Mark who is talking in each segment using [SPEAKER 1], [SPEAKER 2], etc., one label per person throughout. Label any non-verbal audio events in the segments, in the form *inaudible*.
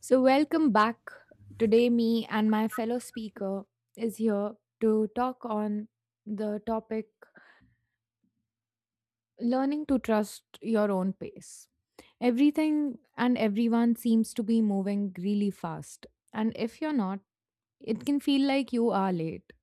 [SPEAKER 1] So, welcome back. Today, me and my fellow speaker is here to talk on the topic learning to trust your own pace. Everything and everyone seems to be moving really fast, and if you're not, it can feel like you are late.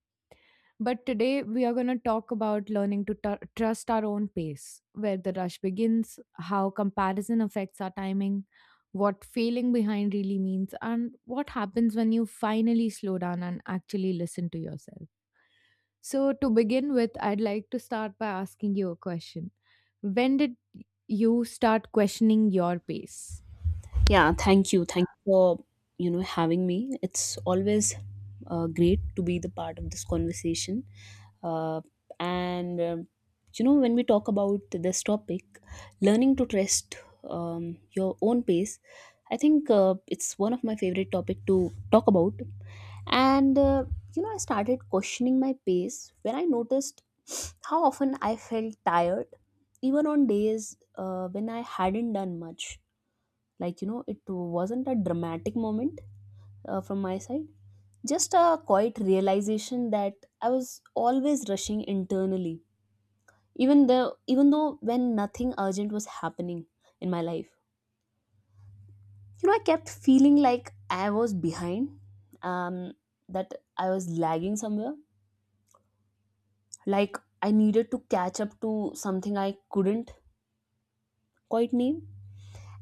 [SPEAKER 1] But today we are going to talk about learning to trust our own pace, where the rush begins, how comparison affects our timing, what failing behind really means, and what happens when you finally slow down and actually listen to yourself. So, to begin with, I'd like to start by asking you a question. When did you start questioning your pace?
[SPEAKER 2] Yeah, thank you. Thank you for, having me. It's always great to be the part of this conversation. Uh, and, um, you know, when we talk about this topic, learning to trust your own pace, I think it's one of my favorite topic to talk about. And, uh, you know, I started questioning my pace when I noticed how often I felt tired, even on days when I hadn't done much. Like, you know, it wasn't a dramatic moment, from my side, just a quiet realization that I was always rushing internally, even though when nothing urgent was happening in my life. You know, I kept feeling like I was behind, um that I was lagging somewhere, like I needed to catch up to something I couldn't quite name.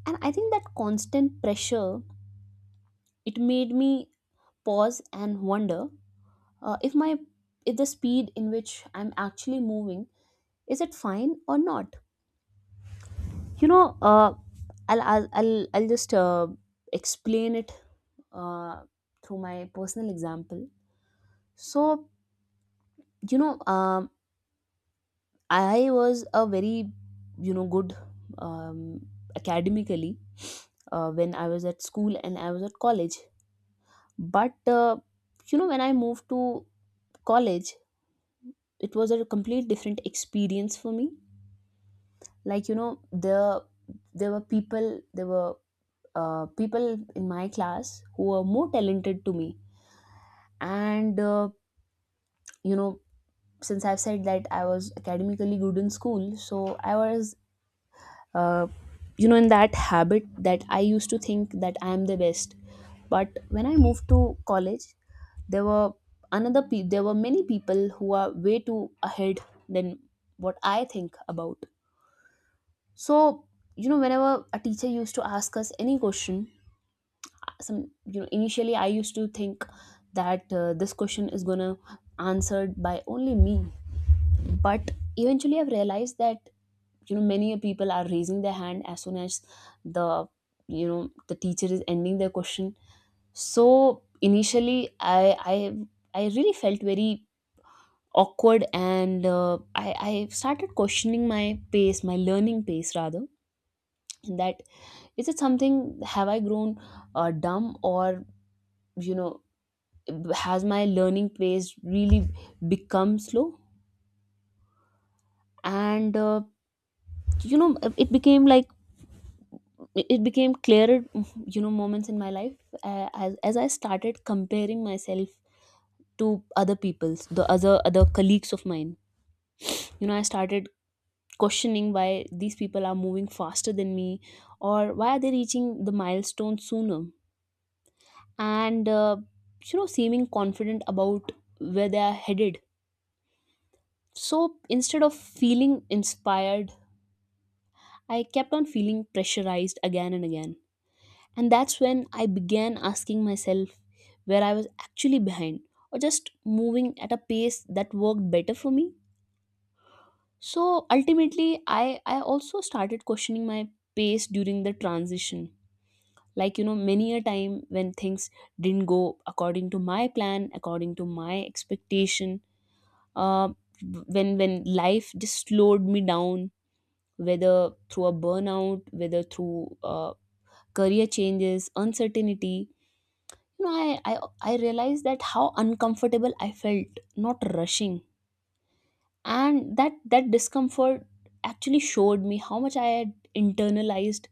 [SPEAKER 2] And I think that constant pressure, it made me pause and wonder if my if the speed in which I'm actually moving, is it fine or not? You know, I'll just explain it uh, through my personal example. So, you know, I was a very, you know, good, um, academically, when I was at school and I was at college. But you know, when I moved to college, it was a complete different experience for me. Like, you know, there were people, there were people in my class who were more talented to me. And you know, since I've said that I was academically good in school, so I was, uh, you know, in that habit that I used to think that I am the best. But when I moved to college, there were there were many people who are way too ahead than what I think about. So, you know, whenever a teacher used to ask us any question, some, you know, initially I used to think that this question is going to answered by only me. But eventually I've realized that, you know, many people are raising their hand as soon as the you know, the teacher is ending their question. So initially I really felt very awkward, and I started questioning my pace, my learning pace rather, that is it something, have I grown dumb, or, you know, has my learning pace really become slow? And you know, it became like, it became clearer, you know, moments in my life, as I started comparing myself to other people's the other other colleagues of mine. You know, I started questioning why these people are moving faster than me, or why are they reaching the milestone sooner, and you know, seeming confident about where they are headed. So instead of feeling inspired, I kept on feeling pressurized again and again. And that's when I began asking myself where I was actually behind or just moving at a pace that worked better for me. So ultimately, I also started questioning my pace during the transition. Like, you know, many a time when things didn't go according to my plan, according to my expectation, uh, when life just slowed me down, whether through a burnout, whether through career changes, uncertainty. You know, I realized that how uncomfortable I felt not rushing. And that discomfort actually showed me how much I had internalized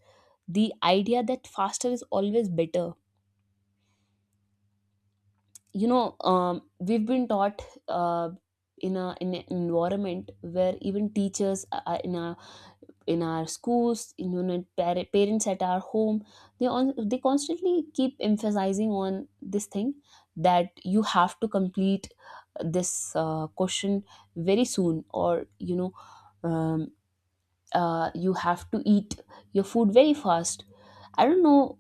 [SPEAKER 2] the idea that faster is always better. You know, we've been taught uh, in an environment where even teachers are in a, in our schools, in, you know, parents at our home, they constantly keep emphasizing on this thing that you have to complete this question very soon, or, you know, um, you have to eat your food very fast. I don't know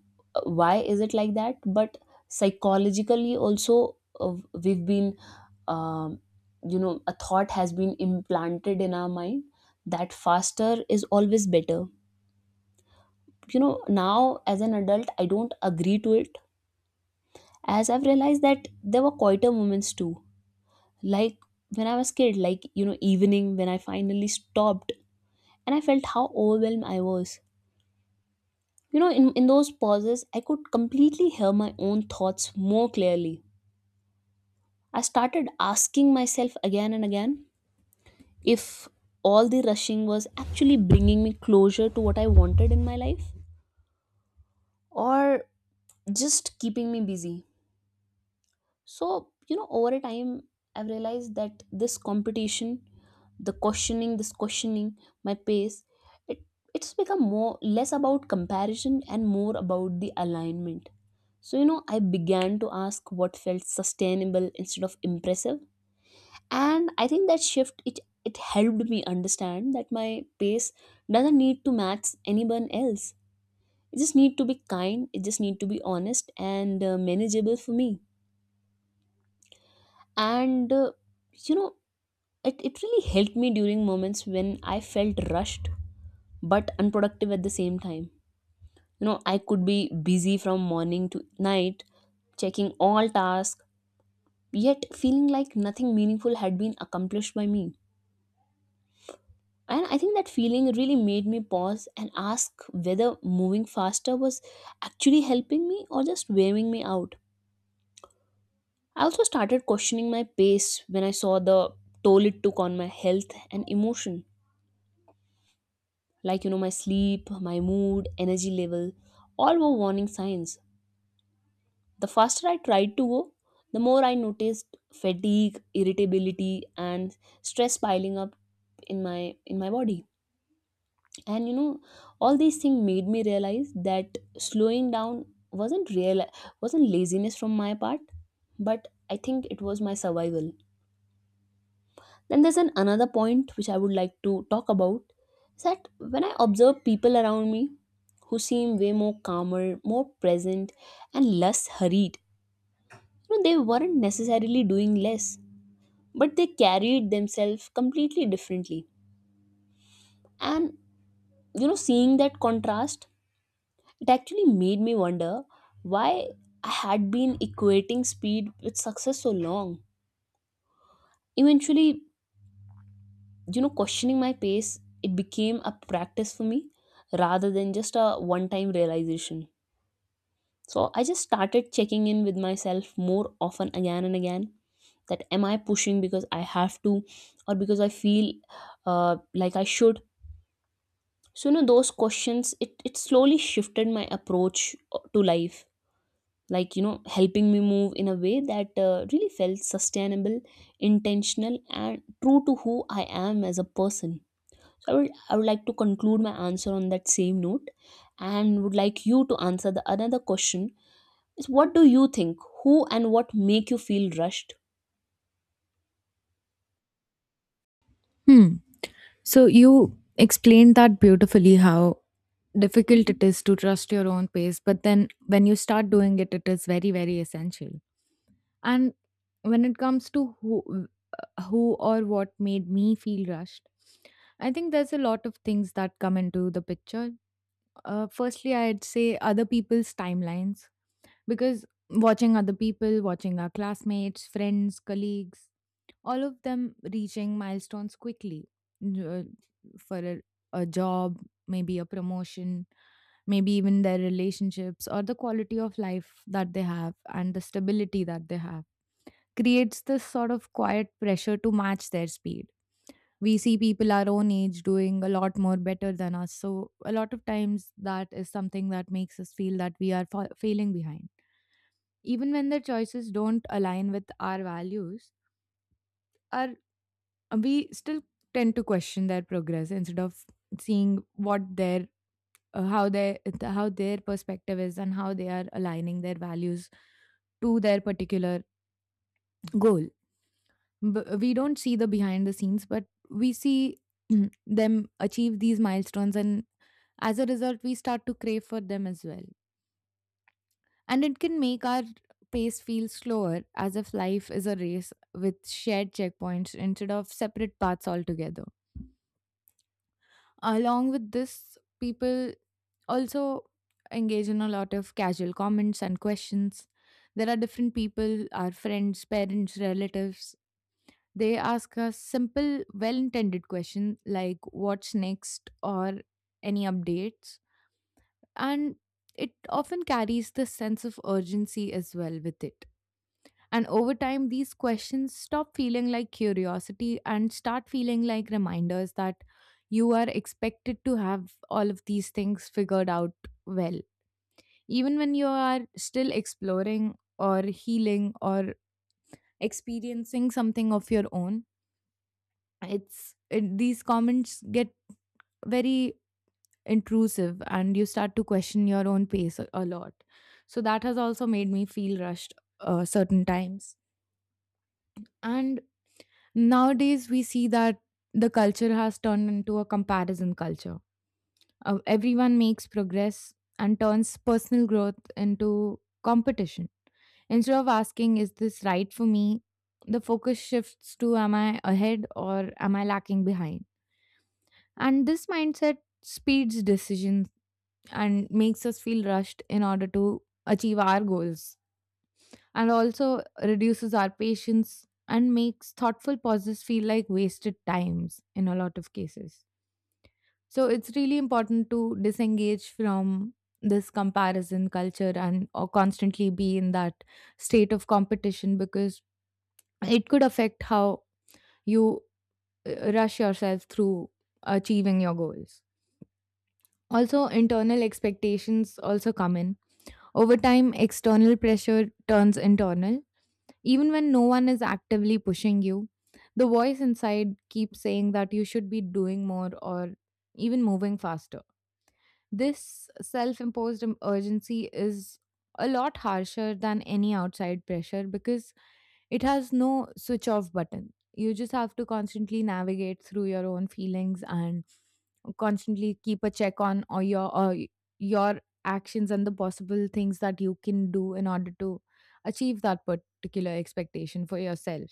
[SPEAKER 2] why is it like that, but psychologically also, uh, we've been, um, you know, a thought has been implanted in our mind that faster is always better. You know, now as an adult, I don't agree to it, as I've realized that there were quieter moments too. Like, when I was kid, like, you know, evening, when I finally stopped and I felt how overwhelmed I was. You know, in those pauses I could completely hear my own thoughts more clearly. I started asking myself again and again if all the rushing was actually bringing me closure to what I wanted in my life, or just keeping me busy. So, you know, over a time, I've realized that this competition, the questioning, this questioning my pace, it, it's become more less about comparison and more about the alignment. So, you know, I began to ask what felt sustainable instead of impressive. And I think that shift, it helped me understand that my pace doesn't need to match anyone else. It just need to be kind, it just need to be honest and manageable for me. And you know, it really helped me during moments when I felt rushed but unproductive at the same time. You know, I could be busy from morning to night, checking all tasks, yet feeling like nothing meaningful had been accomplished by me. And I think that feeling really made me pause and ask whether moving faster was actually helping me or just wearing me out. I also started questioning my pace when I saw the toll it took on my health and emotion. Like, you know, my sleep, my mood, energy level, all were warning signs. The faster I tried to go, the more I noticed fatigue, irritability and stress piling up in my, in my body. And, you know, all these things made me realize that slowing down wasn't real, wasn't laziness from my part, but I think it was my survival. Then there's an another point which I would like to talk about is that when I observe people around me who seem way more calmer, more present, and less hurried. You know, they weren't necessarily doing less, but they carried themselves completely differently. And, you know, seeing that contrast, it actually made me wonder why I had been equating speed with success so long. Eventually, you know, questioning my pace, it became a practice for me rather than just a one time realization. So I just started checking in with myself more often again and again, that am I pushing because I have to, or because I feel like I should. So, you know, those questions, it slowly shifted my approach to life. Like, you know, helping me move in a way that really felt sustainable, intentional and true to who I am as a person. I would like to conclude my answer on that same note and would like you to answer the another question, is what do you think, who and what make you feel rushed?
[SPEAKER 1] Hmm. So you explained that beautifully how difficult it is to trust your own pace, but then when you start doing it, it is very, very essential. And when it comes to who, who or what made me feel rushed, I think there's a lot of things that come into the picture. Firstly, I'd say other people's timelines, because watching other people, watching our classmates, friends, colleagues, all of them reaching milestones quickly, uh, for a job, maybe a promotion, maybe even their relationships or the quality of life that they have and the stability that they have, creates this sort of quiet pressure to match their speed. We see people our own age doing a lot more better than us. So, a lot of times that is something that makes us feel that we are failing behind. Even when their choices don't align with our values, our we still tend to question their progress instead of seeing what their how their how their perspective is, and how they are aligning their values to their particular goal. We don't see the behind the scenes, but we see, them achieve these milestones, and as a result we start to crave for them as well, and it can make our pace feel slower, as if life is a race with shared checkpoints instead of separate paths altogether. Along with this, people also engage in a lot of casual comments and questions. There are different people, our friends, parents, relatives. They ask us simple, well intended questions like what's next or any updates. And it often carries the sense of urgency as well with it. And over time, these questions stop feeling like curiosity and start feeling like reminders that you are expected to have all of these things figured out well. Even when you are still exploring or healing or experiencing something of your own, it's it, these comments get very intrusive and you start to question your own pace a lot. So that has also made me feel rushed certain times. And nowadays, we see that the culture has turned into a comparison culture. Everyone makes progress and turns personal growth into competition. Instead of asking, is this right for me? The focus shifts to, am I ahead or am I lacking behind? And this mindset speeds decisions and makes us feel rushed in order to achieve our goals, and also reduces our patience and makes thoughtful pauses feel like wasted times in a lot of cases. So it's really important to disengage from this comparison culture and or constantly be in that state of competition, because it could affect how you rush yourself through achieving your goals. Also, internal expectations also come in. Over time external pressure turns internal. Even when no one is actively pushing you, the voice inside keeps saying that you should be doing more or even moving faster. This self imposed urgency is a lot harsher than any outside pressure because it has no switch off button. You just have to constantly navigate through your own feelings and constantly keep a check on or your actions and the possible things that you can do in order to achieve that particular expectation for yourself.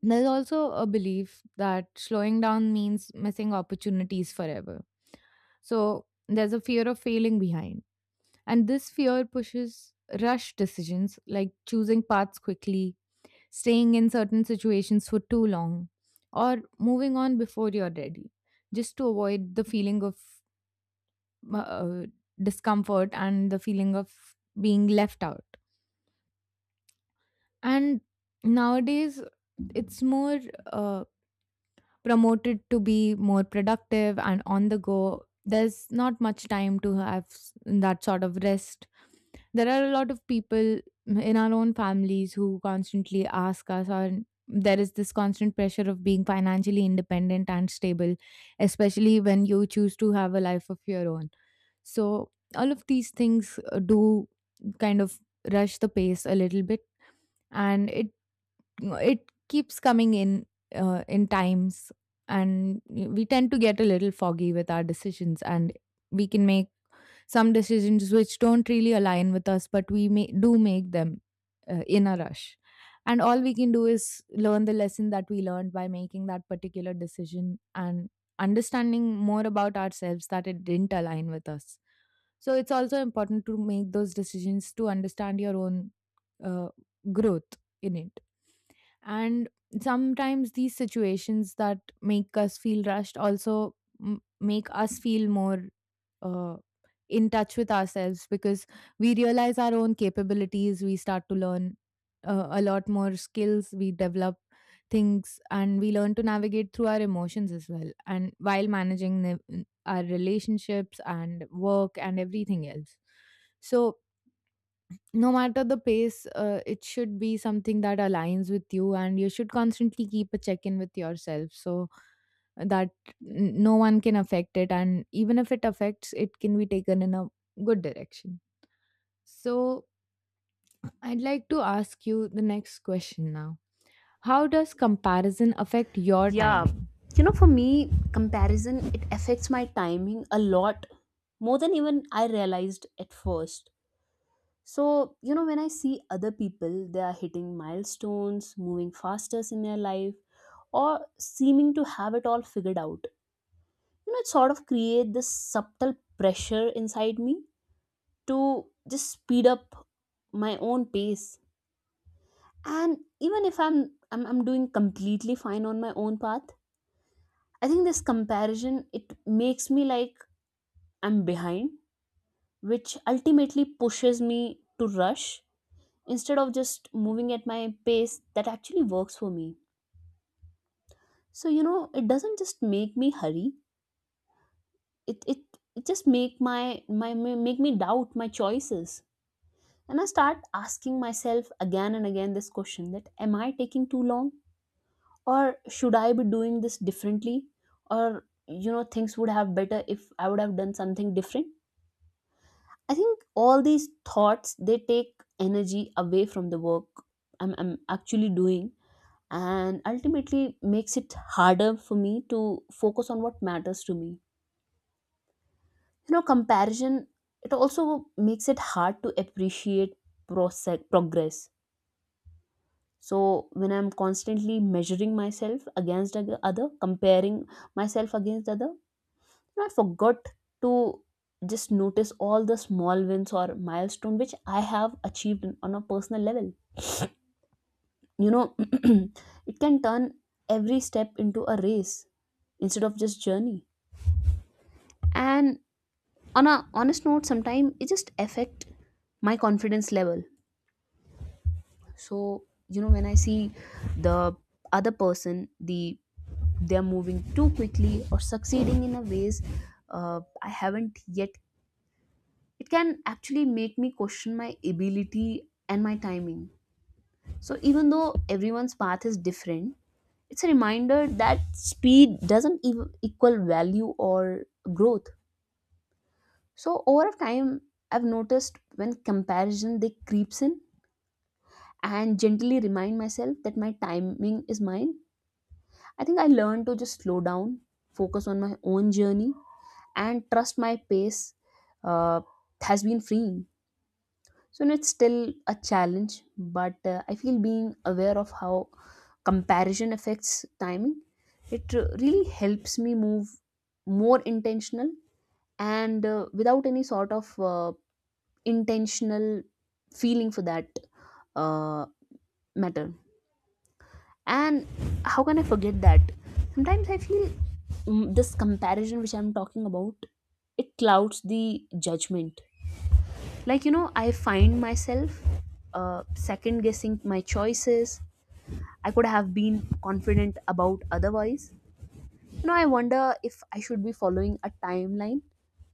[SPEAKER 1] There's also a belief that slowing down means missing opportunities forever. So there's a fear of failing behind. And this fear pushes rush decisions like choosing paths quickly, staying in certain situations for too long, or moving on before you're ready, just to avoid the feeling of uh, discomfort and the feeling of being left out. And nowadays, it's more uh, promoted to be more productive and on the go. There's not much time to have that sort of rest. There are a lot of people in our own families who constantly ask us, or there is this constant pressure of being financially independent and stable, especially when you choose to have a life of your own. So, all of these things do kind of rush the pace a little bit, and it keeps coming in times, and we tend to get a little foggy with our decisions, and we can make some decisions which don't really align with us, but we may, do make them in a rush. And all we can do is learn the lesson that we learned by making that particular decision and understanding more about ourselves that it didn't align with us. So it's also important to make those decisions to understand your own uh, growth in it. And sometimes these situations that make us feel rushed also make us feel more. uh in touch with ourselves because we realize our own capabilities, we start to learn a lot more skills, we develop things, and we learn to navigate through our emotions as well, and while managing our relationships and work and everything else. So no matter the pace, it should be something that aligns with you, and you should constantly keep a check in with yourself, so that no one can affect it. And even if it affects, it can be taken in a good direction. So, I'd like to ask you the next question now. How does comparison affect your
[SPEAKER 2] Yeah,
[SPEAKER 1] timing?
[SPEAKER 2] you know, for me, comparison, it affects my timing a lot more than even I realized at first. So, you know, when I see other people, they are hitting milestones, moving faster in their life, or seeming to have it all figured out. You know, it sort of create this subtle pressure inside me to just speed up my own pace. And even if I'm doing completely fine on my own path, I think this comparison, it makes me like I'm behind, which ultimately pushes me to rush instead of just moving at my pace that actually works for me. So, you know, it doesn't just make me hurry, it it, it just make my, my my make me doubt my choices. And I start asking myself again and again this question that am I taking too long, or should I be doing this differently, or, you know, things would have better if I would have done something different. I think all these thoughts, they take energy away from the work I'm actually doing, and ultimately makes it harder for me to focus on what matters to me. You know, comparison, it also makes it hard to appreciate progress. So when I'm constantly measuring myself against the other, comparing myself against the other, I forgot to just notice all the small wins or milestone which I have achieved on a personal level. You know, *clears throat* it can turn every step into a race instead of just journey. And on a honest note, sometimes it just affect my confidence level. So, you know, when I see the other person, they're moving too quickly or succeeding in a ways I haven't yet, it can actually make me question my ability and my timing. So, even though everyone's path is different, it's a reminder that speed doesn't equal value or growth. So, over time, I've noticed when comparison, they creeps in, and gently remind myself that my timing is mine. I think I learned to just slow down, focus on my own journey, and trust my pace uh, has been freeing. So it's still a challenge, but I feel being aware of how comparison affects timing, it really helps me move more intentional and without any sort of intentional feeling for that uh, matter. And how can I forget that sometimes I feel, this comparison which I'm talking about, it clouds the judgment. Like, I find myself second guessing my choices I could have been confident about otherwise. You know, I wonder if I should be following a timeline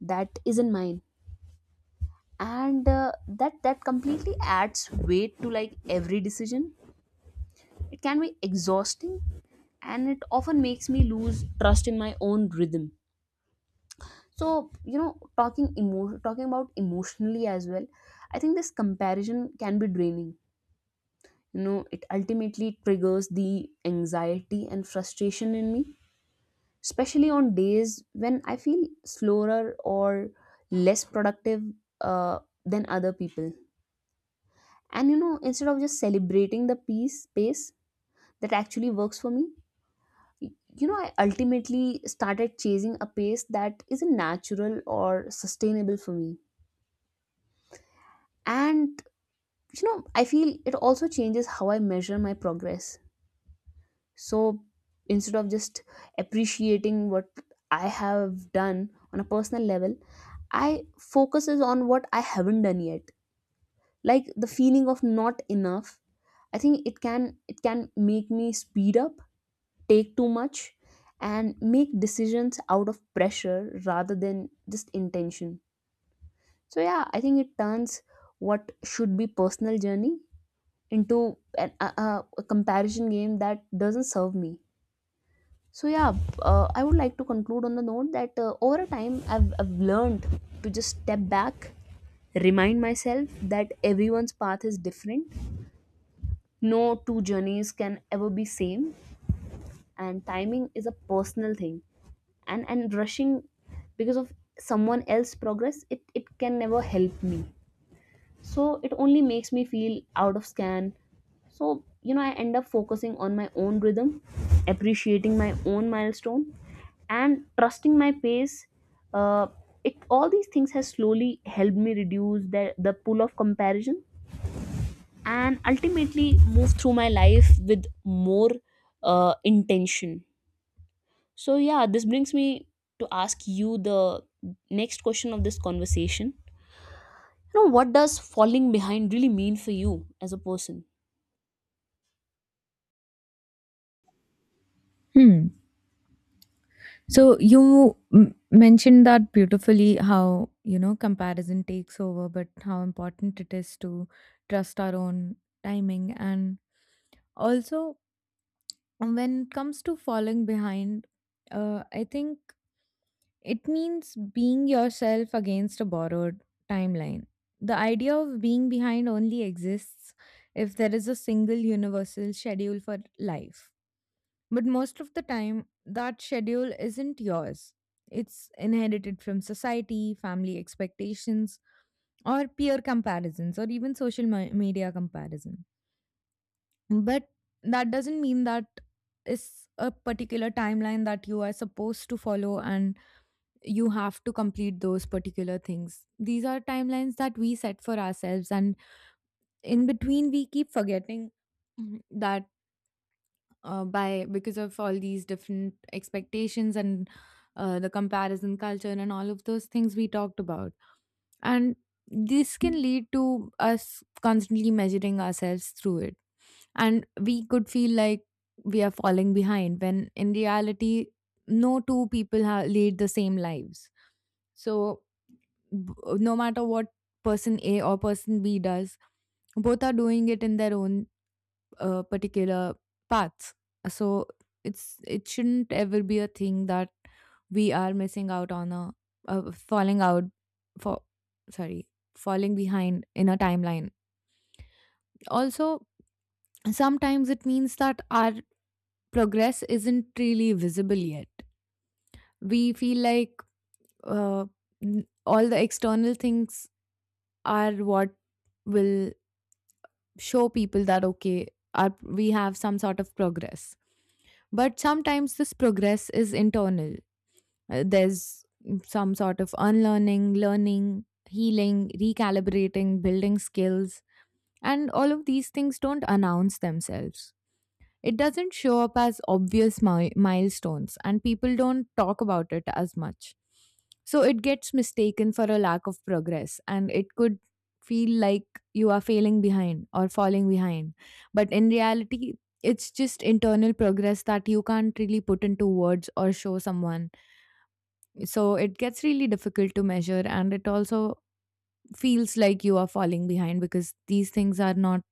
[SPEAKER 2] that isn't mine, and that completely adds weight to like every decision. It can be exhausting, and it often makes me lose trust in my own rhythm. So, you know, talking about emotionally as well, I think this comparison can be draining. You know, it ultimately triggers the anxiety and frustration in me, especially on days when I feel slower or less productive uh, than other people. And you know, instead of just celebrating the peace pace that actually works for me, y- you know, I ultimately started chasing a pace that isn't natural or sustainable for me. And you know, I feel it also changes how I measure my progress. So instead of just appreciating what I have done on a personal level, I focuses on what I haven't done yet, like the feeling of not enough. I think it can make me speed up, take too much, and make decisions out of pressure rather than just intention. So yeah, I think it turns what should be personal journey into an, a comparison game that doesn't serve me. So yeah, I would like to conclude on the note that over a time I've learned to just step back, remind myself that everyone's path is different. No two journeys can ever be same, and timing is a personal thing. And rushing because of someone else's progress, it can never help me. So it only makes me feel out of scan. So you know, I end up focusing on my own rhythm, appreciating my own milestone, and trusting my pace. uh, it all these things has slowly helped me reduce the pull of comparison and ultimately move through my life with more intention. So yeah, this brings me to ask you the next question of this conversation. You know, what does falling behind really mean for you as a person?
[SPEAKER 1] Hmm. So you mentioned that beautifully how, you know, comparison takes over, but how important it is to trust our own timing. And also, when it comes to falling behind, I think it means being yourself against a borrowed timeline. The idea of being behind only exists if there is a single universal schedule for life. But most of the time, that schedule isn't yours. It's inherited from society, family expectations, or peer comparisons, or even social media comparison. But that doesn't mean that is a particular timeline that you are supposed to follow and you have to complete those particular things. These are timelines that we set for ourselves, and in between, we keep forgetting *clears throat* Mhm. that by because of all these different expectations and the comparison culture and all of those things we talked about. And this can lead to us constantly measuring ourselves through it. And we could feel like we are falling behind when in reality, no two people lead the same lives. So b- no matter what person A or person B does, both are doing it in their own particular paths. So it's it shouldn't ever be a thing that we are missing out on a falling out for, sorry, falling behind in a timeline. Also, sometimes it means that our progress isn't really visible yet. We feel like uh, all the external things are what will show people that okay our, we have some sort of progress, but sometimes this progress is internal. There's some sort of unlearning, learning, healing, recalibrating, building skills, and all of these things don't announce themselves. It doesn't show up as obvious milestones, and people don't talk about it as much. So it gets mistaken for a lack of progress, and it could feel like you are failing behind or falling behind. But in reality, it's just internal progress that you can't really put into words or show someone. So it gets really difficult to measure, and it also feels like you are falling behind because these things are not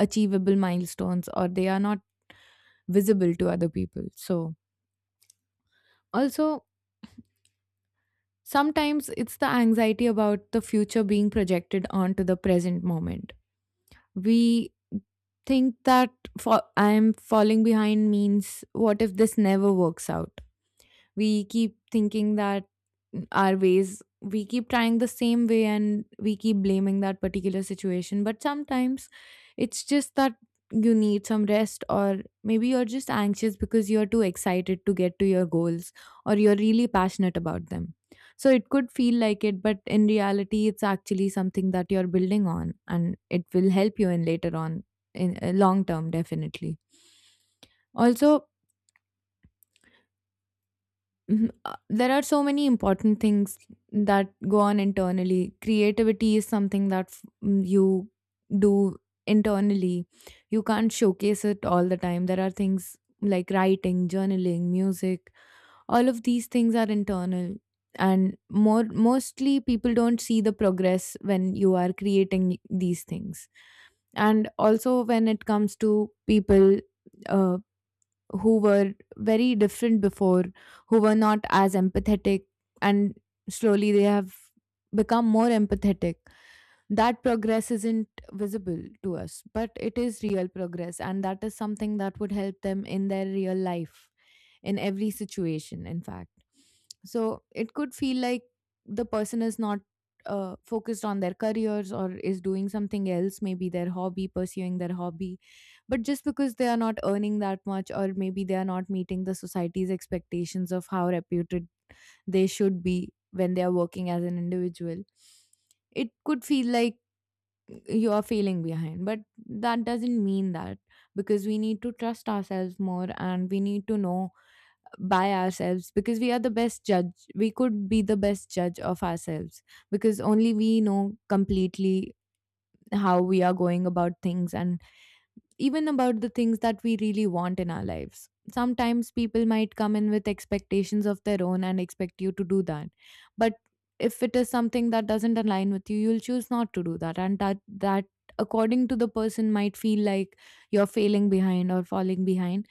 [SPEAKER 1] achievable milestones or they are not visible to other people. So, also, sometimes it's the anxiety about the future being projected onto the present moment. We think that I am falling behind means what if this never works out? We keep thinking that our ways, we keep trying the same way and we keep blaming that particular situation, but sometimes it's just that you need some rest, or maybe you're just anxious because you're too excited to get to your goals, or you're really passionate about them. So it could feel like it, but in reality it's actually something that you're building on and it will help you in later on, in long term, definitely. Also, Mhm. There are so many important things that go on internally. Creativity is something that you do internally. You can't showcase it all the time. There are things like writing, journaling, music. All of these things are internal, and more mostly people don't see the progress when you are creating these things. And also when it comes to people uh, who were very different before, who were not as empathetic, and slowly they have become more empathetic, that progress isn't visible to us, but it is real progress, and that is something that would help them in their real life, in every situation in fact. So it could feel like the person is not focused on their careers or is doing something else, maybe their hobby, pursuing their hobby, but just because they are not earning that much or maybe they are not meeting the society's expectations of how reputed they should be when they are working as an individual, it could feel like you're failing behind, but that doesn't mean that, because we need to trust ourselves more and we need to know by ourselves, because we are the best judge, we could be the best judge of ourselves, because only we know completely how we are going about things, and even about the things that we really want in our lives. Sometimes people might come in with expectations of their own and expect you to do that. But if it is something that doesn't align with you, you'll choose not to do that. And that, that according to the person might feel like you're failing behind or falling behind,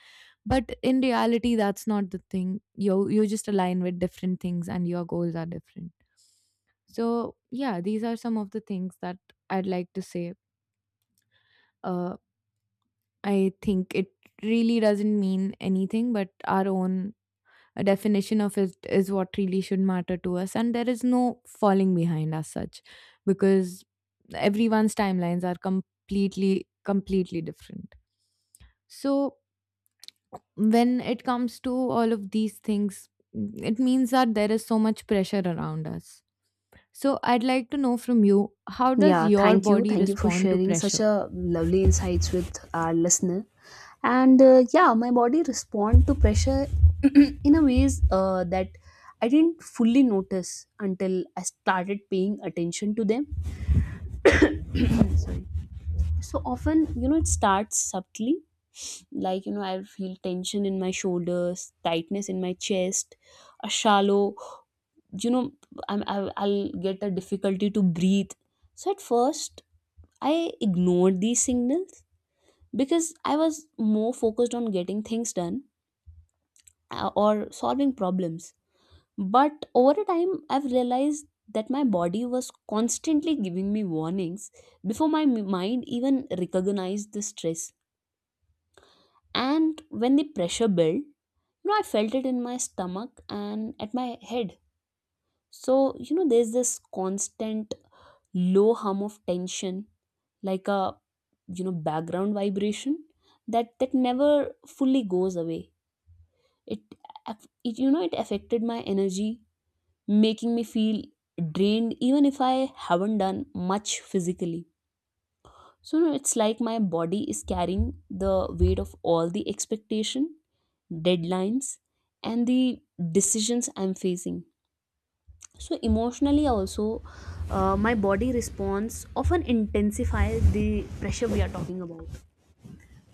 [SPEAKER 1] but in reality that's not the thing, you just align with different things and your goals are different. So yeah, these are some of the things that I'd like to say. uh, I think it really doesn't mean anything, but our own definition of it is what really should matter to us. And there is no falling behind as such, because everyone's timelines are completely different. So, when it comes to all of these things, it means that there is so much pressure around us. So, I'd like to know from you, how does
[SPEAKER 2] Yeah,
[SPEAKER 1] your
[SPEAKER 2] thank you.
[SPEAKER 1] body
[SPEAKER 2] Thank you for
[SPEAKER 1] respond to
[SPEAKER 2] sharing such
[SPEAKER 1] pressure?
[SPEAKER 2] a lovely insights with our listener. And yeah, my body respond to pressure *clears throat* in a ways that I didn't fully notice until I started paying attention to them. *clears throat* Sorry. So often, you know, it starts subtly. Like, you know, I feel tension in my shoulders, tightness in my chest, a shallow, you know, I'll get a difficulty to breathe. So at first, I ignored these signals because I was more focused on getting things done or solving problems. But over a time, I've realized that my body was constantly giving me warnings before my mind even recognized the stress. And when the pressure built, you know, I felt it in my stomach and at my head. So you know, there's this constant low hum of tension, like a, you know, background vibration that never fully goes away. It, it, it affected my energy, making me feel drained even if I haven't done much physically. So no, it's like my body is carrying the weight of all the expectation, deadlines, and the decisions I'm facing. So emotionally also, my body response often intensifies the pressure we are talking about.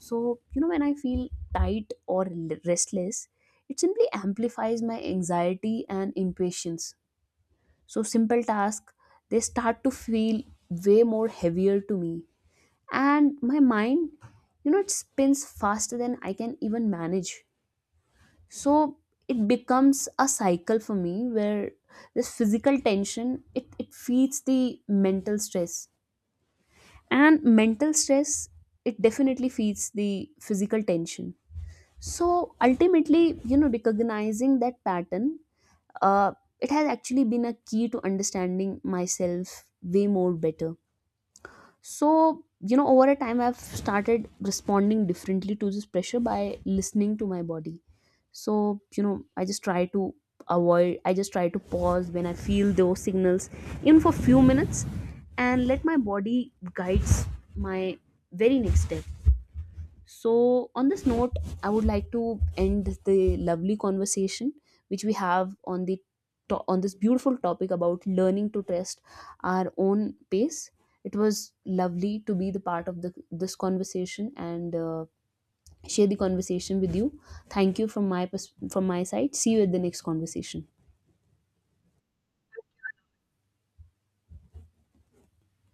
[SPEAKER 2] So you know, when I feel tight or restless, it simply amplifies my anxiety and impatience. So simple tasks, they start to feel way more heavier to me, and my mind, you know, it spins faster than I can even manage. So it becomes a cycle for me where this physical tension, it feeds the mental stress, and mental stress, it definitely feeds the physical tension. So ultimately, you know, recognizing that pattern, uh, it has actually been a key to understanding myself way more better. So you know, over a time, I've started responding differently to this pressure by listening to my body. So you know, I just try to pause when I feel those signals, even for few minutes, and let my body guides my very next step. So, on this note, I would like to end the lovely conversation which we have on the on this beautiful topic about learning to trust our own pace. It was lovely to be the part of the, this conversation and share the conversation with you. Thank you from my from my side. See you at the next conversation.